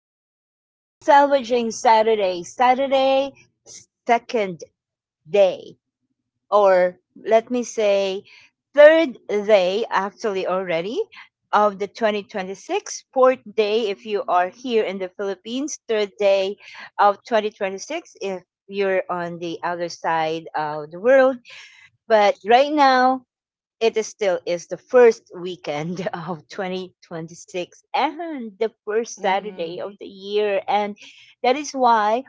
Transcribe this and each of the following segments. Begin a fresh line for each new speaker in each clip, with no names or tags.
still is salvaging Saturday. Saturday, second day, or let me say, third day actually already of the 2026. Fourth day if you are here in the Philippines. Third day of 2026 if you're on the other side of the world. But right now it is still is the first weekend of 2026 and the first Saturday
Mhm.
of the year. And that is why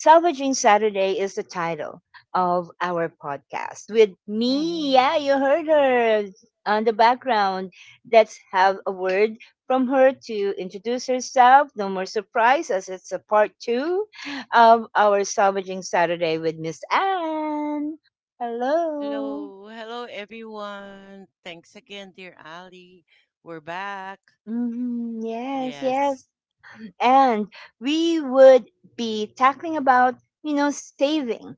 Salvaging Saturday is the title of our podcast. With me,
Mhm.
yeah, you heard her on the background. Let's have a word from her to introduce herself. No more surprise as it's a part two of our Salvaging Saturday with Miss Anne. Hello.
Hello, hello everyone. Thanks again, dear Ali. We're back.
Yes,
Yes.
yes. And we would be talking about, saving.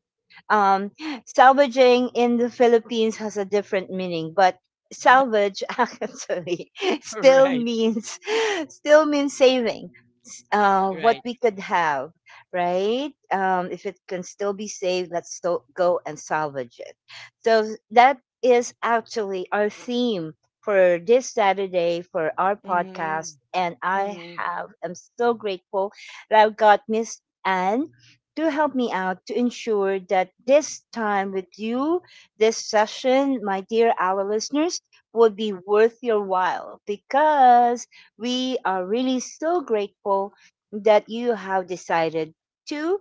Um, Salvaging in the Philippines has a different meaning, but salvage actually still
right,
means still means saving what
right.
we could have, right? If it can still be saved, let's go and salvage it. So that is actually our theme for this Saturday for our podcast.
Mhm.
And
Mhm.
I'm so grateful that I've got Miss Anne to help me out to ensure that this time with you, this session, my dear our listeners, would be worth your while because we are really so grateful that you have decided to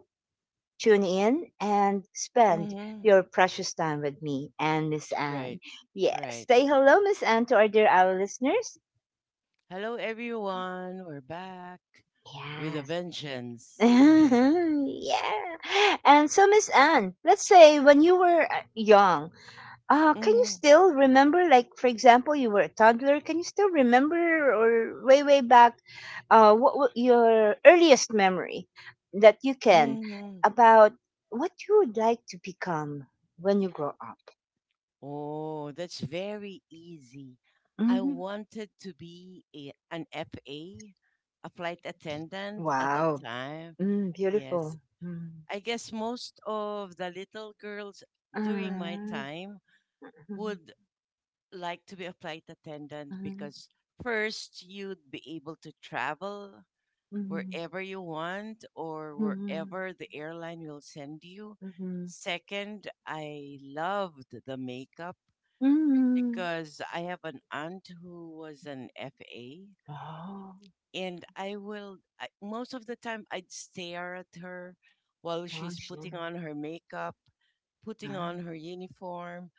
tune in and spend
Mhm.
your precious time with me and Miss
Right,
Anne. Yes.
right.
Say hello, Miss Anne, to our dear our listeners.
Hello everyone. We're back with a
Yes.
vengeance. Right.
Yeah. And so, Miss Anne, let's say when you were young, can you
Mhm.
still remember, like, for example, you were a toddler, can you still remember or way, way back, what your earliest memory that you can
Mhm.
about what you would like to become when you grow up?
Oh, that's very easy. I
Mm-hmm.
wanted to be an FA, a flight attendant at the
Wow.
time.
Mm,
Yes.
beautiful. Mm.
I guess most of the little girls during my
Ah,
time
mhm,
would like to be a flight attendant
mhm,
because first you'd be able to travel
mhm,
wherever you want or
mhm,
wherever the airline will send you.
mhm,
Second, I loved the makeup
mhm.
because I have an aunt who was an FA
Oh,
and most of the time I'd stare at her while she's
gosh. Yeah.
putting on her makeup, putting
Ah,
on her uniform,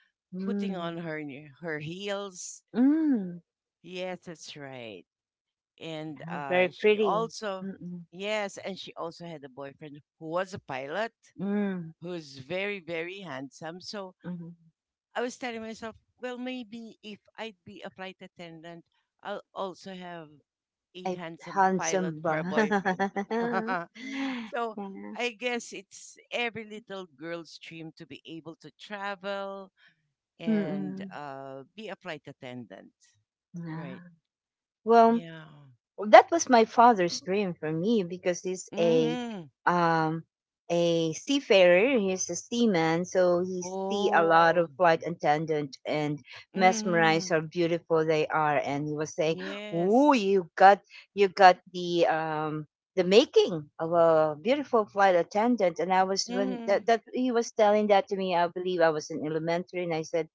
putting
mm,
on her her heels.
mm.
Yes, that's right. And
Yeah, very
she
pretty.
also,
Mm-mm.
yes, and she also had a boyfriend who was a pilot,
Mm,
who's very very handsome. So
mm.
I was telling myself, well, maybe if I'd be a flight attendant, I'll also have a
I
handsome pilot
handsome ba?
for a boyfriend. so
Yeah.
I guess it's every little girl's dream to be able to travel, and
Mm-mm.
be a flight attendant.
Yeah.
Right.
Well,
Yeah.
Well, that was my father's dream for me because he's
Mm-hmm.
um a seafarer. He's a seaman, so he see a lot
Oh.
of flight attendant and mesmerized
Mm-hmm.
how beautiful they are. And he was saying,
Yes.
ooh, you got the making of a beautiful flight attendant. And I was when
Mm-hmm.
that he was telling that to me, I believe I was in elementary. And I said,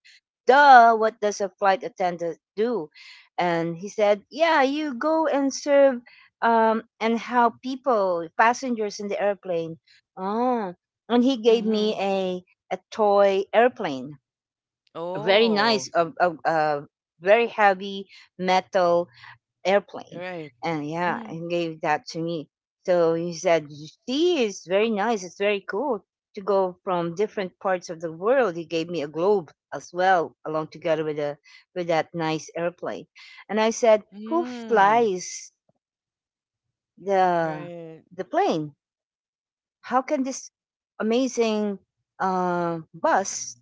duh, what does a flight attendant do? And he said, yeah, you go and serve and help people, passengers in the airplane. Oh, and he gave me
Mm-hmm.
a toy airplane, a very
Oh.
nice, a very heavy metal airplane.
Right.
And yeah,
Mm-hmm.
and gave that to me. So he said, "You see, it's very nice. It's very cool to go from different parts of the world." He gave me a globe as well, along together with a with that nice airplane. And I said, "Who
Mm.
flies the
Right.
the plane?" How can this amazing bus,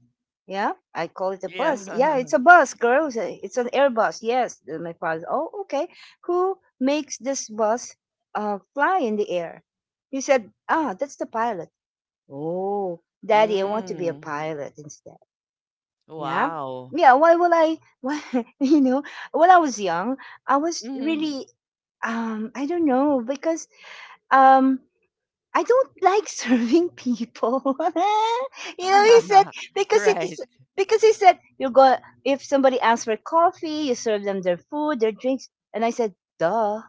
yeah, I call it a bus,
Yeah.
yeah, it's a bus, girls. It's an airbus, yes. Then my father, oh, okay, who makes this bus fly in the air? He said, ah, that's the pilot. Oh, daddy, I want to be a
Mm.
pilot instead. Yeah,
Wow.
yeah, why will I why, you know, when I was young, I was
Mm.
really I don't know because um I don't like serving people. You know, he said, because it is,
right.
because he said, you go, if somebody asks for coffee, you serve them their food, their drinks. And I said, duh.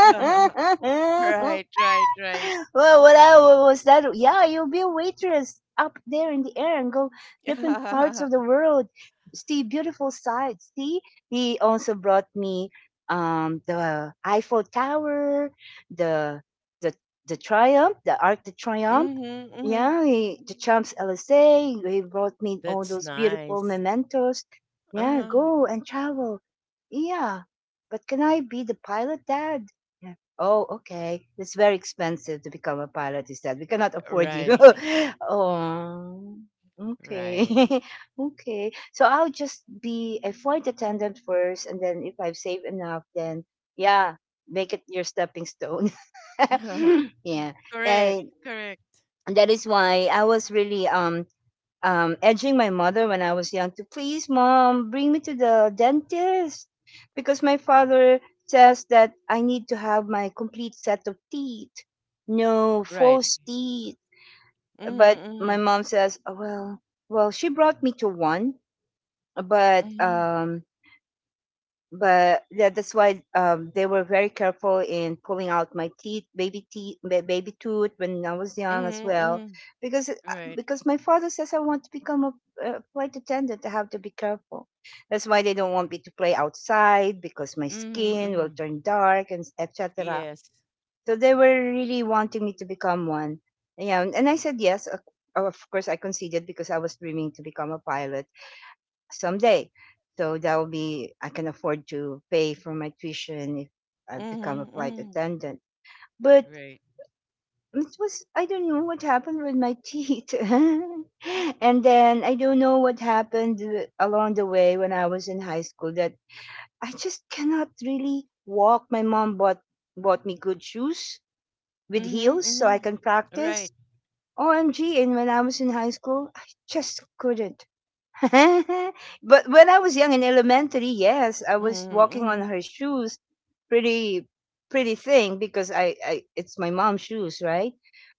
right. Right. Right.
Well, was that? Yeah, you'll be a waitress up there in the air and go different parts of the
mm-hmm.
world, see beautiful sights. See, he also brought me the Eiffel Tower, the the the Triumph, the Arc de Triomphe.
Mm-hmm.
Yeah, the Champs Elysees. He brought me all
That's
those beautiful
nice.
mementos. Yeah,
Uh,
go and travel. Yeah, but can I be the pilot, Dad? Oh, okay. It's very expensive to become a pilot, is that? We cannot afford you.
right.
Oh, okay.
Right.
Okay. So I'll just be a flight attendant first, and then if I've saved enough, then yeah, make it your stepping stone. Yeah.
Correct.
And
Correct.
that is why I was really edging my mother when I was young to please, mom, bring me to the dentist because my father says that I need to have my complete set of teeth, no
Right.
false teeth. But my
Mhm.
mom says, "Oh, well, she brought me to one, but
Mhm. Mhm.
um, but yeah, that's why they were very careful in pulling out my teeth, baby teeth, baby tooth when I was young as
Mm.
well,
Mhm.
because uh,
Right.
because my father says I want to become a flight attendant. I have to be careful. That's why they don't want me to play outside because my
Mhm.
skin will
Mhm.
turn dark and etc.
Yes.
So they were really wanting me to become one. Yeah, and I said yes. Of course, I conceded because I was dreaming to become a pilot someday. So that will be I can afford to pay for my tuition if I become a
Mhm.
flight
Mhm.
attendant. But
Right.
it was I don't know what happened with my teeth, and then I don't know what happened along the way when I was in high school that I just cannot really walk. My mom bought me good shoes with
Mhm.
heels so I
Mhm.
can practice.
Right.
OMG! And when I was in high school, I just couldn't. But when I was young in elementary, yes, I was
Mhm.
walking on
Mhm.
her shoes, pretty pretty thing because I it's my mom's shoes, right?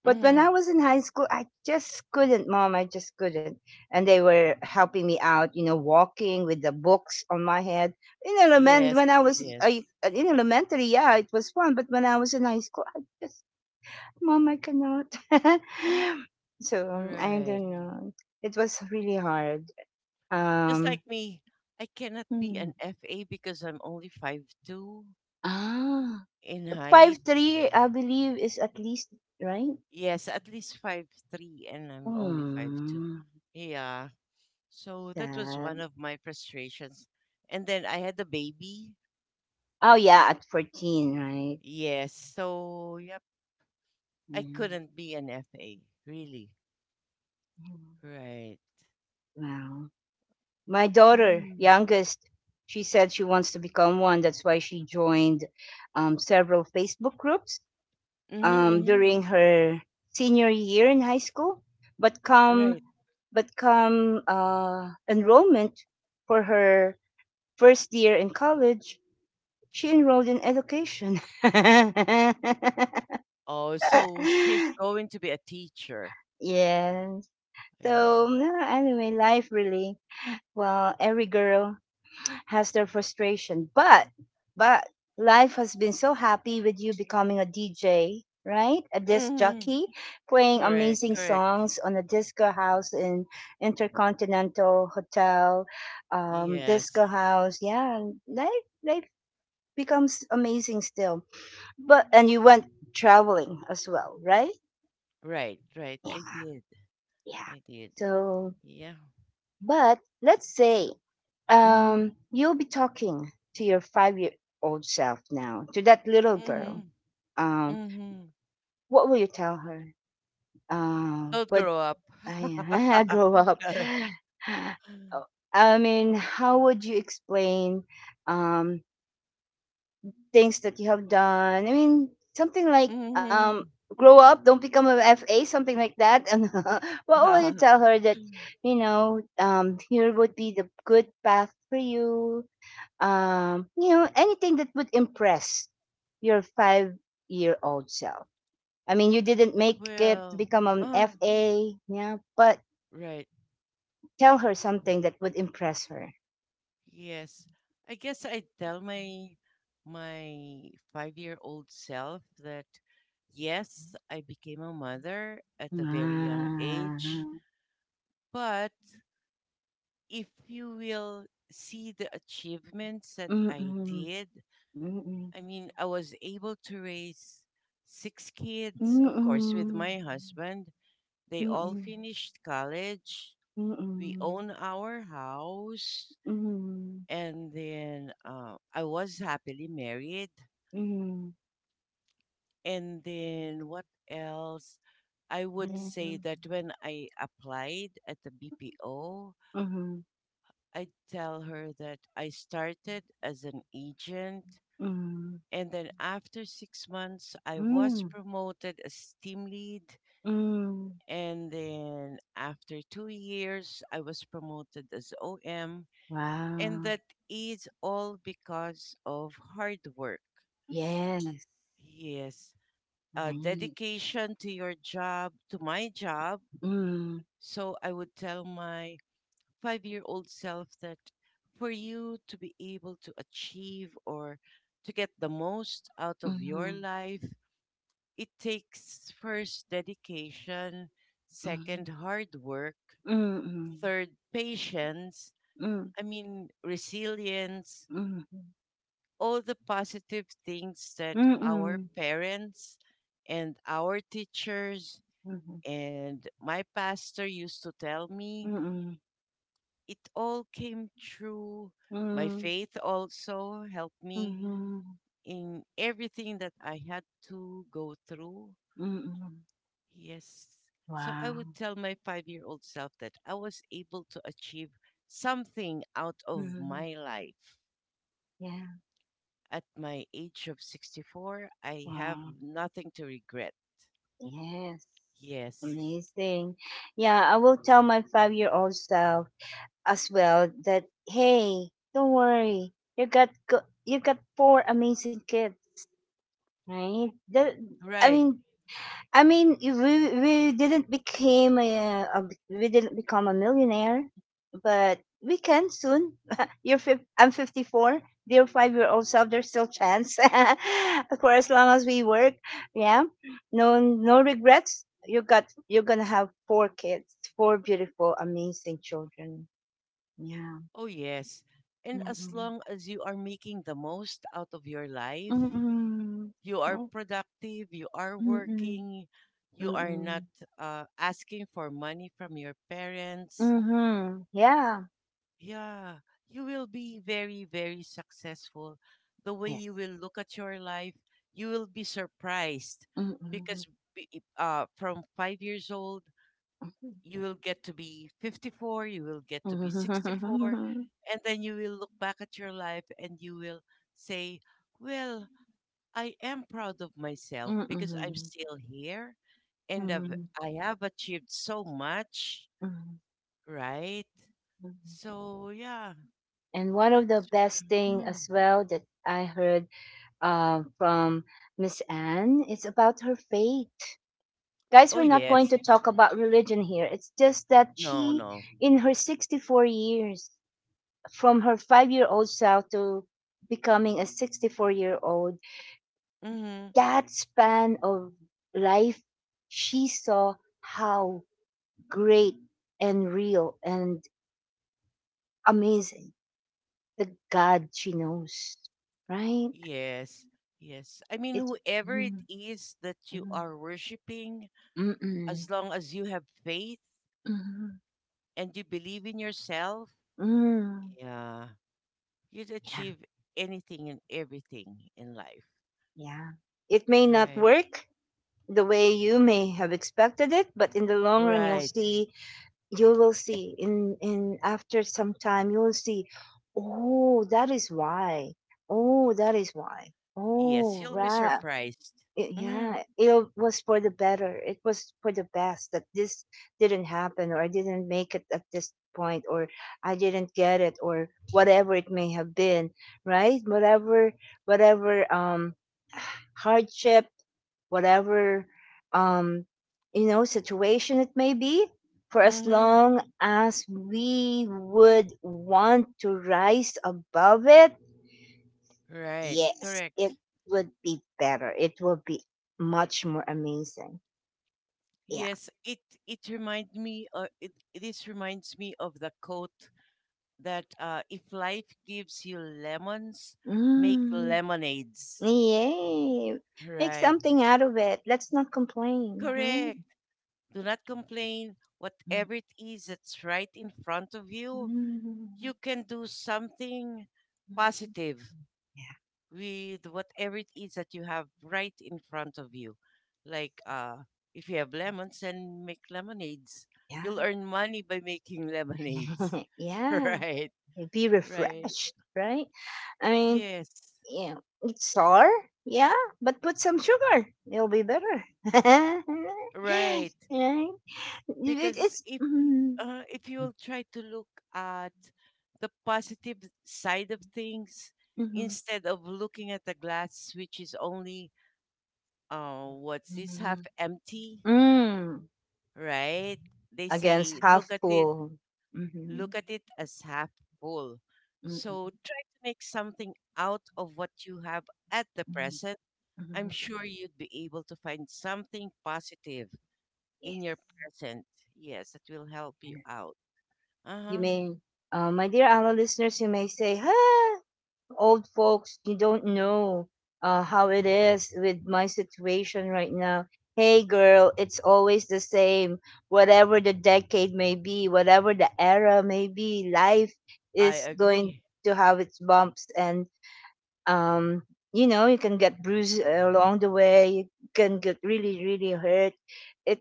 But when I
Mhm.
was in high school, I just couldn't, mom, I just couldn't. And they were helping me out, you know, walking with the books on my head. In element
Yes.
when I was I,
Yes.
in elementary, yeah, it was fun, but when I was in high school, I just mom, I cannot. So I
Right.
don't know. It was really hard.
Just like
Um,
me, I cannot be
Mm.
an FA because I'm only 5'2"
Ah,
in
five
height.
three. I believe, is at least, right?
Yes, at least 5'3", and I'm only 5'2".
Hmm,
Yeah. So that was
sad.
one of my frustrations. And then I had a baby.
Oh, yeah, at 14, right?
Yes. So, yep, I
Yeah.
couldn't be an FA, really.
Mm.
Right.
Wow. My daughter,
Mm.
youngest, she said she wants to become one. That's why she joined several Facebook groups
Mm-hmm, mm-hmm.
during her senior year in high school. But come,
Right.
but come enrollment for her first year in college, she enrolled in education.
Oh, so she's going to be a teacher.
Yeah.
Yes.
So, no, anyway, life really, well, every girl has their frustration. But life has been so happy with you becoming a DJ, right? A disc
Mm-hmm.
jockey, playing
Correct,
amazing
correct.
songs on a disco house in Intercontinental Hotel,
Yes.
disco house. Yeah, life becomes amazing still. But and you went traveling as well, right?
Right, right. I
Yeah,
did.
yeah.
I did.
So,
Yeah.
but
So,
let's
so
say
mm-hmm,
you'll be talking to your 5-year-old self now, to that little
mm-hmm,
girl. Um,
mm-hmm.
what will you tell her?
Don't
But
grow up.
I, I grow up. Oh, I mean, how would you explain um things that you have done. I mean, something like
mm-hmm.
grow up, don't become a FA, something like that. And what will you tell her that you know here would be the good path for you? You know, anything that would impress your five-year-old self. I mean, you didn't make it to
Well,
become an
uh,
FA, yeah, but
right.
tell her something that would impress her.
Yes. I guess I tell my my five-year-old self that yes, I became a mother at a very young age,
Ah.
but if you will see the achievements that I
Mm-mm.
did,
Mm-mm.
I mean, I was able to raise six kids, of course,
Mm-mm.
with my husband. They all
Mm.
finished college. We
Mm.
own our house
Mhm.
and then I was happily married,
Mhm.
and then what else I would
Yeah.
say that when I applied at the BPO,
Mhm.
I tell her that I started as an agent,
Mhm.
and then after 6 months I was
Mm.
promoted as team lead,
Mm.
and then after 2 years I was promoted as OM, and
Wow.
that is all because of hard work.
Yes.
Yes,
Right.
dedication to your job, to my job.
Mm.
So I would tell my 5-year old self that for you to be able to achieve or to get the most out of your
Mhm.
life, it takes first dedication, second,
Mhm.
hard work,
Mm.
third, patience.
Mm.
I mean, resilience,
Mhm.
all the positive things that our
Mm.
parents and our teachers
Mhm.
and my pastor used to tell me,
Mm.
it all came true. My
Mm.
faith also helped me
Mhm.
in everything that I had to go through.
Mm.
Yes. So I would
Wow.
tell my 5-year old self that I was able to achieve something out of
Mhm.
my life.
Yeah.
At my age of 64, I have
Wow.
nothing to regret.
Yes.
Yes.
Amazing. Yeah, I will tell my five-year-old self as well that hey, don't worry, you got 4 amazing kids, right? That, I
Right.
mean, I mean, we didn't became a we didn't become a millionaire, but we can soon. I'm 54. Dear 5 year old self, there's still chance for as long as we work. Yeah, no no regrets. You're gonna have 4 kids, 4 beautiful, amazing children. Yeah.
Oh, yes. And as
Mm-mm.
long as you are making the most out of your life,
Mm.
you are
Right.
productive, you are
Mm.
working, you are not
Mm.
asking for money from your parents.
Mhm, yeah.
Yeah, you will be very, very successful. The way
Yes.
you will look at your life, you will be surprised
Mm.
because from 5 years old,
Mhm.
you will get to be 54, you will get to be 64,
Mm.
and then you will look back at your life and you will say, well, I am proud of myself because I'm
Mm.
still here and I have achieved so much,
Mm.
right? So, yeah,
And one of the
that's what
best
I'm-
thing
mhm.
as well that I heard, from Miss Anne, is about her faith. Guys, we're
Oh,
not going
yes,
to talk about religion here. It's just that
no,
she,
no,
in her 64 years, from her five-year-old self to becoming a 64-year-old,
hmm,
that span of life, she saw how great and real and amazing the God she knows, right?
yes. Yes. I mean,
It's
whoever it
mm,
is that you
mm,
are worshiping,
mm, mm,
as long as you have faith
mm.
and you believe in yourself,
Mm.
yeah, you'd
Yeah,
achieve anything and everything in life.
yeah. It may not
Right.
work the way you may have expected it, but in the long run, you'll
Right.
see you will see in after some time you will see, oh that is why oh that is why
Yes,
oh
you'll be
right.
surprised. Mm-hmm.
Yeah, it was for the better, it was for the best that this didn't happen, or I didn't make it at this point, or I didn't get it, or whatever it may have been, right? whatever whatever hardship, whatever, um you know, situation it may be. For as
Mm-hmm.
long as we would want to rise above it,
Right.
yes, it
Correct.
would be better, it will be much more amazing. Yeah,
Yes, it reminds me, it this reminds me of the quote that if life gives you lemons, make
mm,
lemonades.
yay, make
Right.
something out of it, let's not complain, right?
Correct. Do not complain. Whatever it is that's right in front of you,
Mm.
you can do something positive with whatever it is that you have right in front of you. Like if you have lemons, then make lemonades. You'll
Yeah,
earn money by making
yeah.
lemonades.
Yeah,
right,
be
right.
refreshed, right? i mean
Yes,
Yeah, it's sour. Yeah, but put some sugar. It'll be better. Right?
right.
It-
Because
it's
if
mm,
uh, if you'll try to look at the positive side of things
mhm,
instead of looking at the glass, which is only what's this, half
mhm,
empty,
mm,
right? They
against
say,
half full.
look
Mhm,
at it as half full.
mm,
So
mm,
try to make something out of what you have at the
mm,
present. I'm
mhm.
sure you'd be able to find something positive
Yes.
in your present. Yes, that will help you out. Uh
You
huh.
may, my dear Ala listeners, you may say, "Huh." Old folks, you don't know how it is with my situation right now. Hey, girl, it's always the same. Whatever the decade may be, whatever the era may be, life
I
is going
agree.
to have its bumps. And, um, you know, you can get bruised along the way. You can get really, really hurt. It,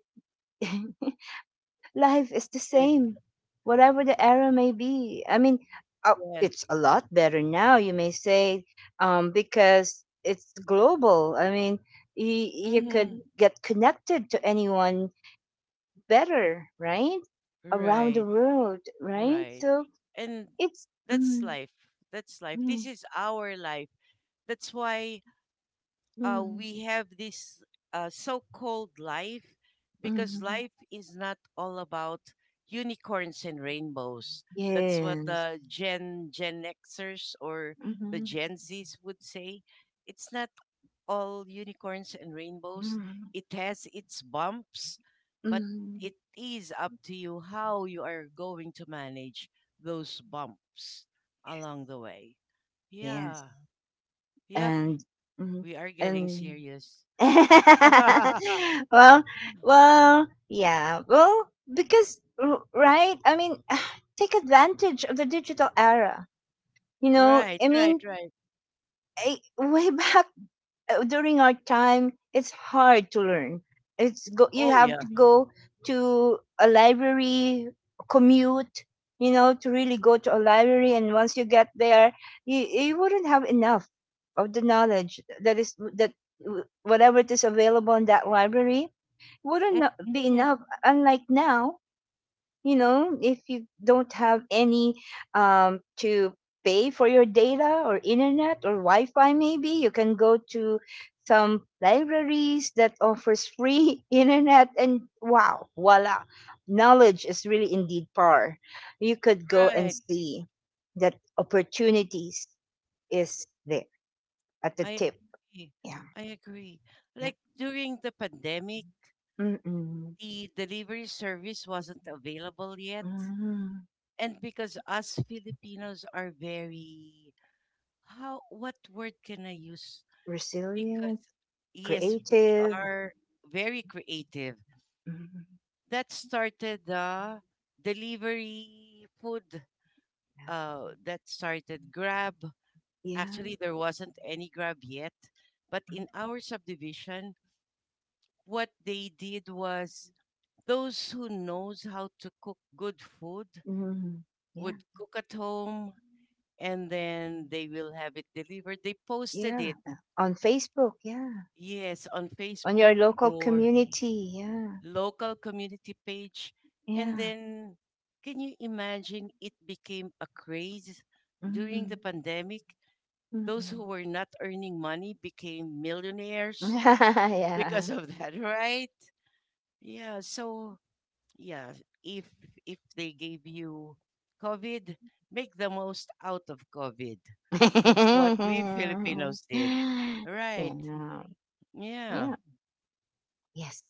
life is the
Right.
same, whatever the era may be. I mean,
Yes.
it's a lot better now, you may say, because it's global. I mean, you could
Hmm.
get connected to anyone better, right? Around the
Right.
world, right?
Right.
So
And
it's. Mm,
that's life. That's life.
mm,
This is our life. That's why
mm,
we have this so-called life because
mm,
life is not all about unicorns and rainbows. That's what
yes.
the Gen Xers or
Mm-hmm,
the Gen Zs would say. It's not all unicorns and rainbows.
mm,
It has its bumps, but
mm,
it is up to you how you are going to manage those bumps along the way.
yes.
Yeah. Yep.
And. Mm,
We are getting
and
serious.
well, well, because right, I mean, take advantage of the digital era. You know,
Right,
I
right,
mean,
right.
I, way back during our time, it's hard to learn. It's go, you
Oh,
have to
yeah.
go to a library, commute. You know, to really go to a library, and once you get there, you wouldn't have enough of the knowledge that is that whatever it is available in that library wouldn't be
Mhm.
enough. Unlike now, you know, if you don't have any to pay for your data or internet or Wi-Fi, maybe you can go to some libraries that offers free internet, and wow, voila, knowledge is really indeed power. You could go and
Right.
see that opportunities is there at the
I
tip.
agree.
Yeah,
I agree.
yeah.
Like during the pandemic,
Mm-mm.
the delivery service wasn't available yet.
Mm.
And because us Filipinos are very, how, what word can I use?
Resilient,
Because, yes,
creative,
we are very creative.
mhm.
That started the delivery food, that started Grab. Actually,
Yeah.
there wasn't any grab yet. But in our subdivision, what they did was those who knows how to cook good food
Mhm. Yeah,
would cook at home and then they will have it delivered. They posted
yeah.
it,
On Facebook, yeah.
yes, on
On your
Facebook
local
or
community, yeah.
local community page. And
Yeah.
then can you imagine it became a craze during
Mm-hmm.
the pandemic? Those who
Mm-hmm.
were not earning money became millionaires because
Yeah.
of that, right? Yeah. So yeah, if if they gave you COVID, make the most out of COVID. That's what we Filipinos did.
Yeah.
Right.
No. Yeah.
Yeah.
Yes.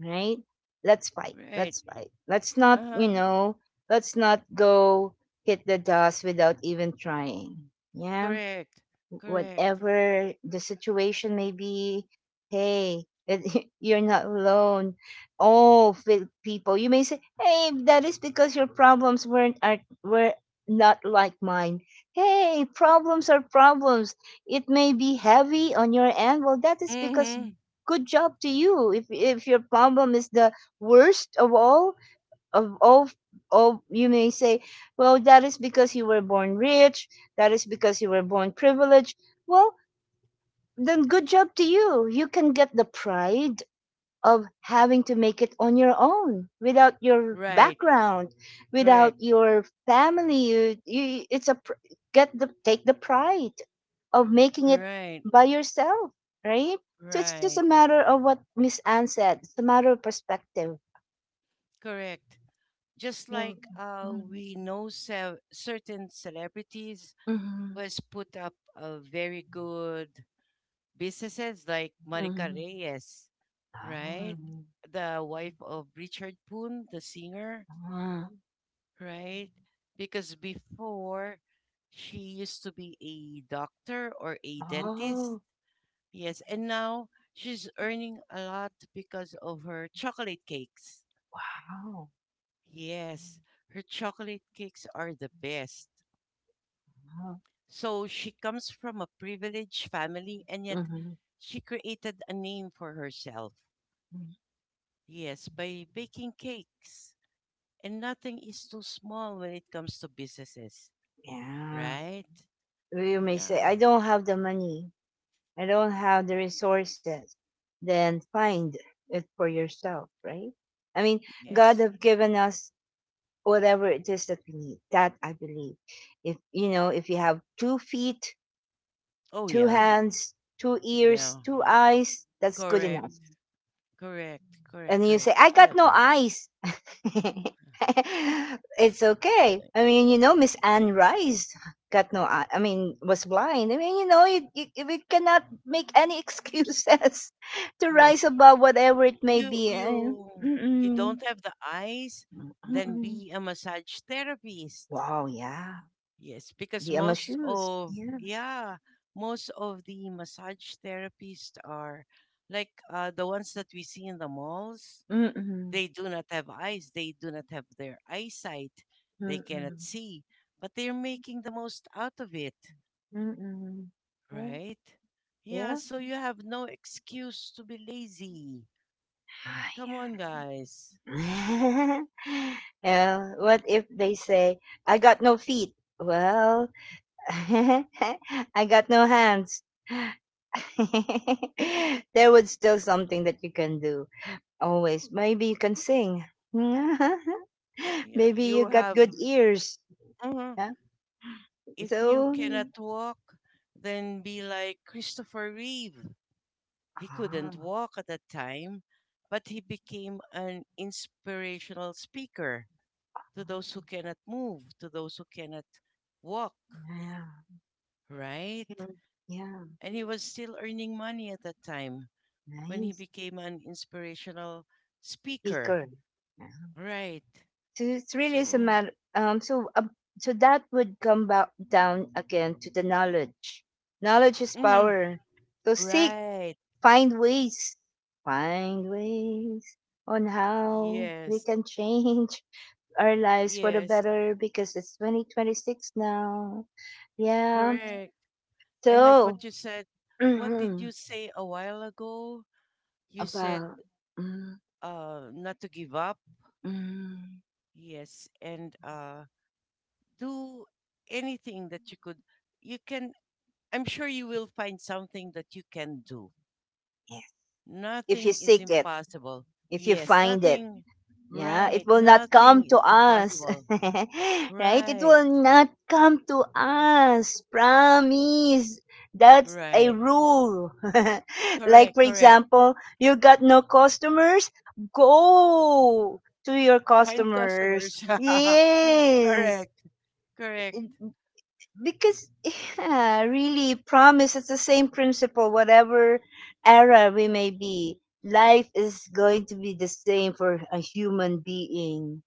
Right? Let's fight.
Right.
Let's fight. Let's not, you
Uh-huh.
know, let's not go hit the dust without even trying. Yeah.
Correct. Correct.
Whatever the situation may be, hey, you're not alone. Oh, people, you may say, hey, that is because your problems were not like mine. Hey, problems are problems. It may be heavy on your end. Well, that is because
Mm-hmm.
good job to you. If your problem is the worst of all, of all all, you may say, well, that is because you were born rich, that is because you were born privileged. Well, then good job to you. You can get the pride of having to make it on your own without your
Right.
background,
Correct.
without your family. You it's a get the take the pride of making it
Right.
by yourself, right? So it's just
Right.
a matter of what Miss Ann said, it's a matter of perspective.
Correct. Just like
Mm-hmm.
we know certain celebrities who has put up a very good businesses like Marika
Mhm.
Reyes, right?
Oh,
The wife of Richard Poon, the singer,
ah,
right? Because before she used to be a doctor or a dentist.
oh,
Yes, and now she's earning a lot because of her chocolate cakes.
oh.
Yes, her chocolate cakes are the best.
Wow.
So she comes from a privileged family and yet
Mhm,
she created a name for herself.
mm.
Yes, by baking cakes. And nothing is too small when it comes to businesses,
Yeah.
right?
Well, you may say,
Yeah,
I don't have the money. I don't have the resources. Then find it for yourself, right? I mean, God
yes.
have given us whatever it is that we need. That I believe. If you know, if you have 2 feet,
Oh,
two
yeah,
hands, two ears,
yeah.
two eyes, that's good enough.
Correct, correct, correct,
And you say,
correct.
I
I
got no
agree.
eyes. It's
The-
okay. I mean, you know, Miss Anne Rice got no eye. I mean, was blind. I mean, you know, you- we cannot make any excuses to rise
yes,
above whatever it may
you
be.
you
Eh,
you
mm-mm.
don't have the eyes, then
Mm-mm.
be a massage therapist.
Wow, yeah.
Yes, because
The Emma
most
shoes.
of
Yeah.
yeah, most of the massage therapists are like the ones that we see in the malls.
Mm-mm.
They do not have eyes, they do not have their eyesight, they cannot
Mm-mm.
see, but they're making the most out of it,
Mm-mm. Yeah.
right? Yeah,
Yeah.
so you have no excuse to be lazy. Come on, guys.
Well, what if they say, I got no feet? Well, I got no hands. There was still something that you can do. Always. Maybe you can sing.
Yeah,
Maybe you
you
got
have.
good ears.
Mhm.
Yeah.
If you
So, mm,
cannot walk, then be like Christopher Reeve. He couldn't
ah,
walk at that time, but he became an inspirational speaker to those who cannot move, to those who cannot walk.
yeah.
Right?
Mm, yeah.
And he was still earning money at that time when he
Nice
became an inspirational speaker.
speaker. Yeah.
Right.
So it's really is
So,
a matter. So so that would come back down again to the knowledge. Knowledge is
mm,
power. So seek,
right.
find ways, find ways on how we
Yes.
can change our lives for the
Yes.
better, because it's 2026 now. Yeah.
Correct. And like
So,
what you said, what did
about,
you say a while ago? You said
mm, mm,
not to give up. Yes. And do anything that you could, you can, I'm sure you will find something that you can do.
yeah. If you
Nothing is
seek it,
impossible.
if you
Yes,
find it,
nothing.
yeah,
Right.
it will not
Nothing
come to
is
us.
impossible.
Right? It
Right.
will not come to us. Promise. That's a
Right.
rule. Like,
Correct.
for
Correct.
example, you got no customers? Go to your
Find
customers.
customers.
Yes.
correct. Correct.
Because, yeah, really, promise. It's the same principle, whatever era we may be. Life is going to be the same for a human being.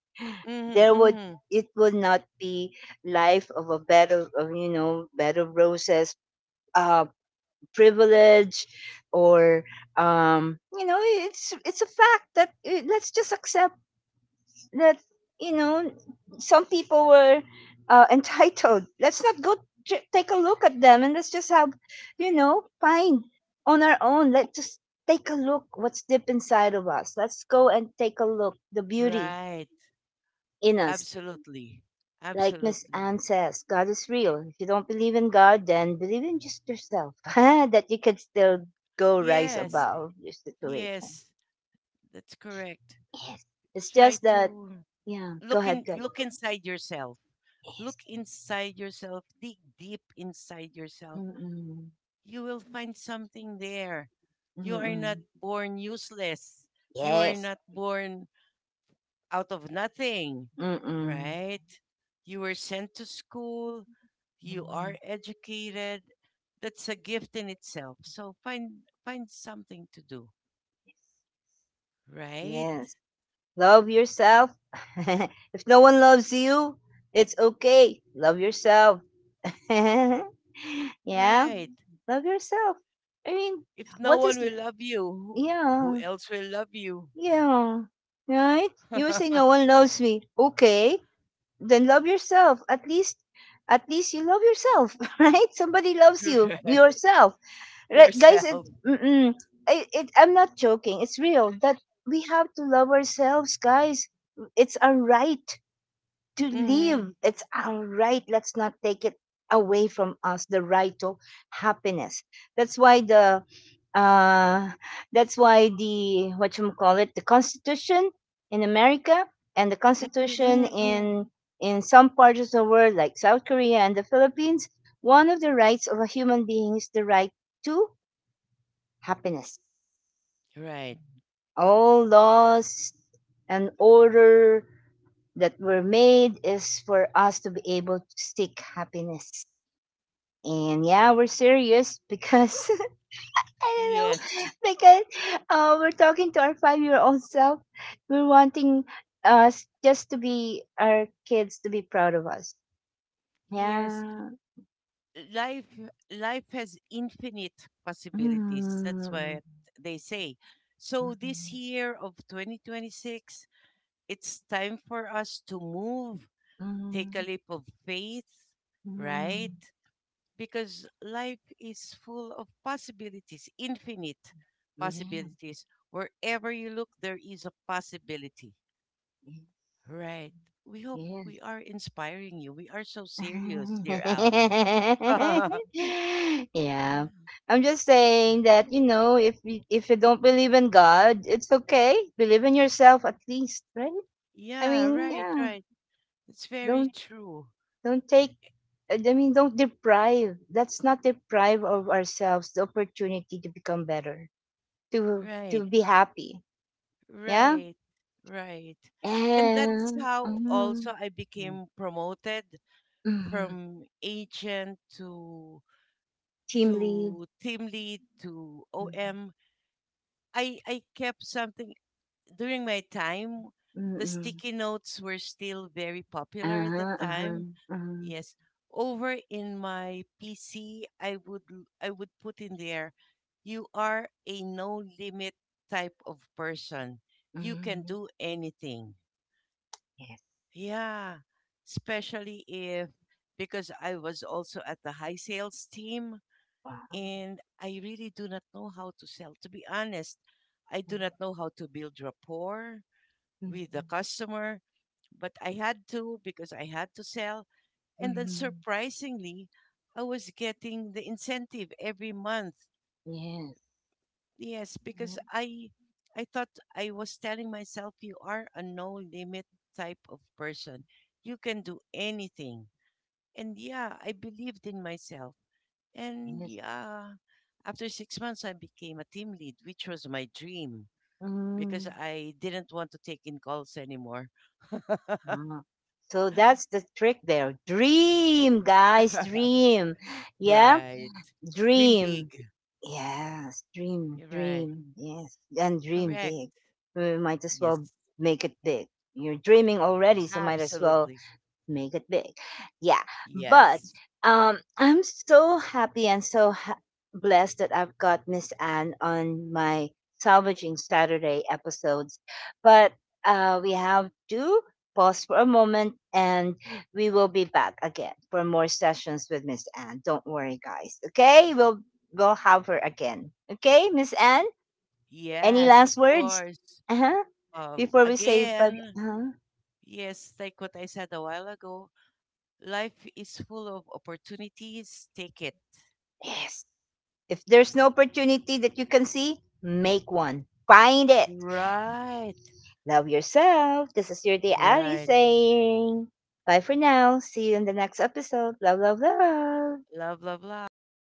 There
Mm-hmm,
would,
mm-hmm.
it would not be life of a bed of, you know, bed of roses, uh privilege, or you know, it's a fact that let's just accept that, you know, some people were entitled. Let's not go take a look at them, and let's just have, you know, find on our own. Let's just take a look what's deep inside of us, let's go and take a look the beauty
Right.
in us.
Absolutely.
Like Miss Anne
Absolutely.
says, God is real. If you don't believe in God, then believe in just yourself that you can still go rise
Yes.
above your situation.
Yes. That's correct.
Yes. It's
Try
just that,
to
yeah, go ahead, go ahead.
look inside yourself.
Yes.
Look inside yourself. Dig deep inside yourself,
Mm-mm.
you will find something there. You are not
Mm-mm.
born useless. You are
Yes.
not born out of nothing,
Mm-mm.
right? You were sent to school. You are
Mm-mm.
educated. That's a gift in itself. So find something to do, right?
Yes. Love yourself. If no one loves you, it's okay. Love yourself. Yeah.
Right.
Love yourself. I mean,
If no
what
one
is,
will love you, who
yeah,
else will love you?
yeah, right? You would say no one loves me. Okay, then love yourself. At least you love yourself, right? Somebody loves you,
right.
yourself. Right, guys, it,
Yourself.
mm-mm, I'm not joking. It's real that we have to love ourselves, guys. It's our right to
Mm-hmm.
live. It's our right. Let's not take it away from us the right to happiness. That's why the uh, that's why the, what you call it, the constitution in America and the
Mm-hmm.
constitution
Mm-hmm, mm-hmm.
in some parts of the world like South Korea and the Philippines, one of the rights of a human being is the right to happiness.
Right.
All laws and order that were made is for us to be able to seek happiness. And yeah, we're serious, because I don't
Yes.
know, because we're talking to our five-year-old self. We're wanting us just to be, our kids to be proud of us.
Yes,
Yeah.
life life has infinite possibilities. That's
Mm.
what they say. So this year of 2026, it's time for us to move, take a
Mm.
leap of faith, right?
Mm.
Because life is full of possibilities, infinite
Yeah.
possibilities. Wherever you look, there is a possibility. Right. We hope
Yes.
we are inspiring you. We are so serious, dear Ali.
Yeah. I'm just saying that, you know, if you don't believe in God, it's okay. Believe in yourself at least, right? I
Yeah,
mean,
right,
yeah.
right. It's very
Don't
true.
don't take, I mean, don't deprive. Let's not deprive of ourselves the opportunity to become better, to
Right,
be happy. Yeah.
right, right. And that's
And
how
mhm,
also I
mm,
became promoted
mhm,
from agent to
team lead.
team lead to
Mhm,
OM. I kept something during my time. The
mhm,
sticky notes were still very popular at the
uh-huh, uh-huh,
time.
uh-huh,
Yes. Over in my PC, I would I would put in there, you are a no limit type of person. You can
mhm,
do anything.
yes.
Yeah. Especially if because I was also at the high sales team,
Uh-huh,
and I really do not know how to sell. To be honest, I do not know how to build rapport with the
mhm,
customer, but I had to because I had to sell, and then
mhm,
surprisingly, I was getting the incentive every month.
yes.
Yes,
Mhm,
because I thought I was telling myself you are a no limit type of person. You can do anything. And yeah, I believed in myself. And
yes.
yeah, after 6 months I became a team lead, which was my dream because
Mhm,
I didn't want to take in calls anymore.
uh-huh. So that's the trick there. Dream, guys, dream. Yeah,
right. Dream big.
dream. Yes, dream,
You're right.
dream, yes, and dream
Correct.
big. We might as well
Yes,
make it big. You're dreaming already, so might as well
absolutely.
make it big. Yeah. But
Yes.
I'm so happy and so blessed that I've got Miss Anne on my Salvaging Saturday episodes. But we have to pause for a moment, and we will be back again for more sessions with Miss Anne. Don't worry, guys. Okay. We'll have her again. Okay, Miss Anne? Any
Yes, of
last words?
course.
Uh huh. Before we say bye.
Again,
Uh-huh.
yes, like what I said a while ago, life is full of opportunities. Take it.
Yes. If there's no opportunity that you can see, make one. Find it.
Right,
Love yourself. This is your day Ali
right.
saying. Bye for now. See you in the next episode. Love, love, love.
Love, love, love.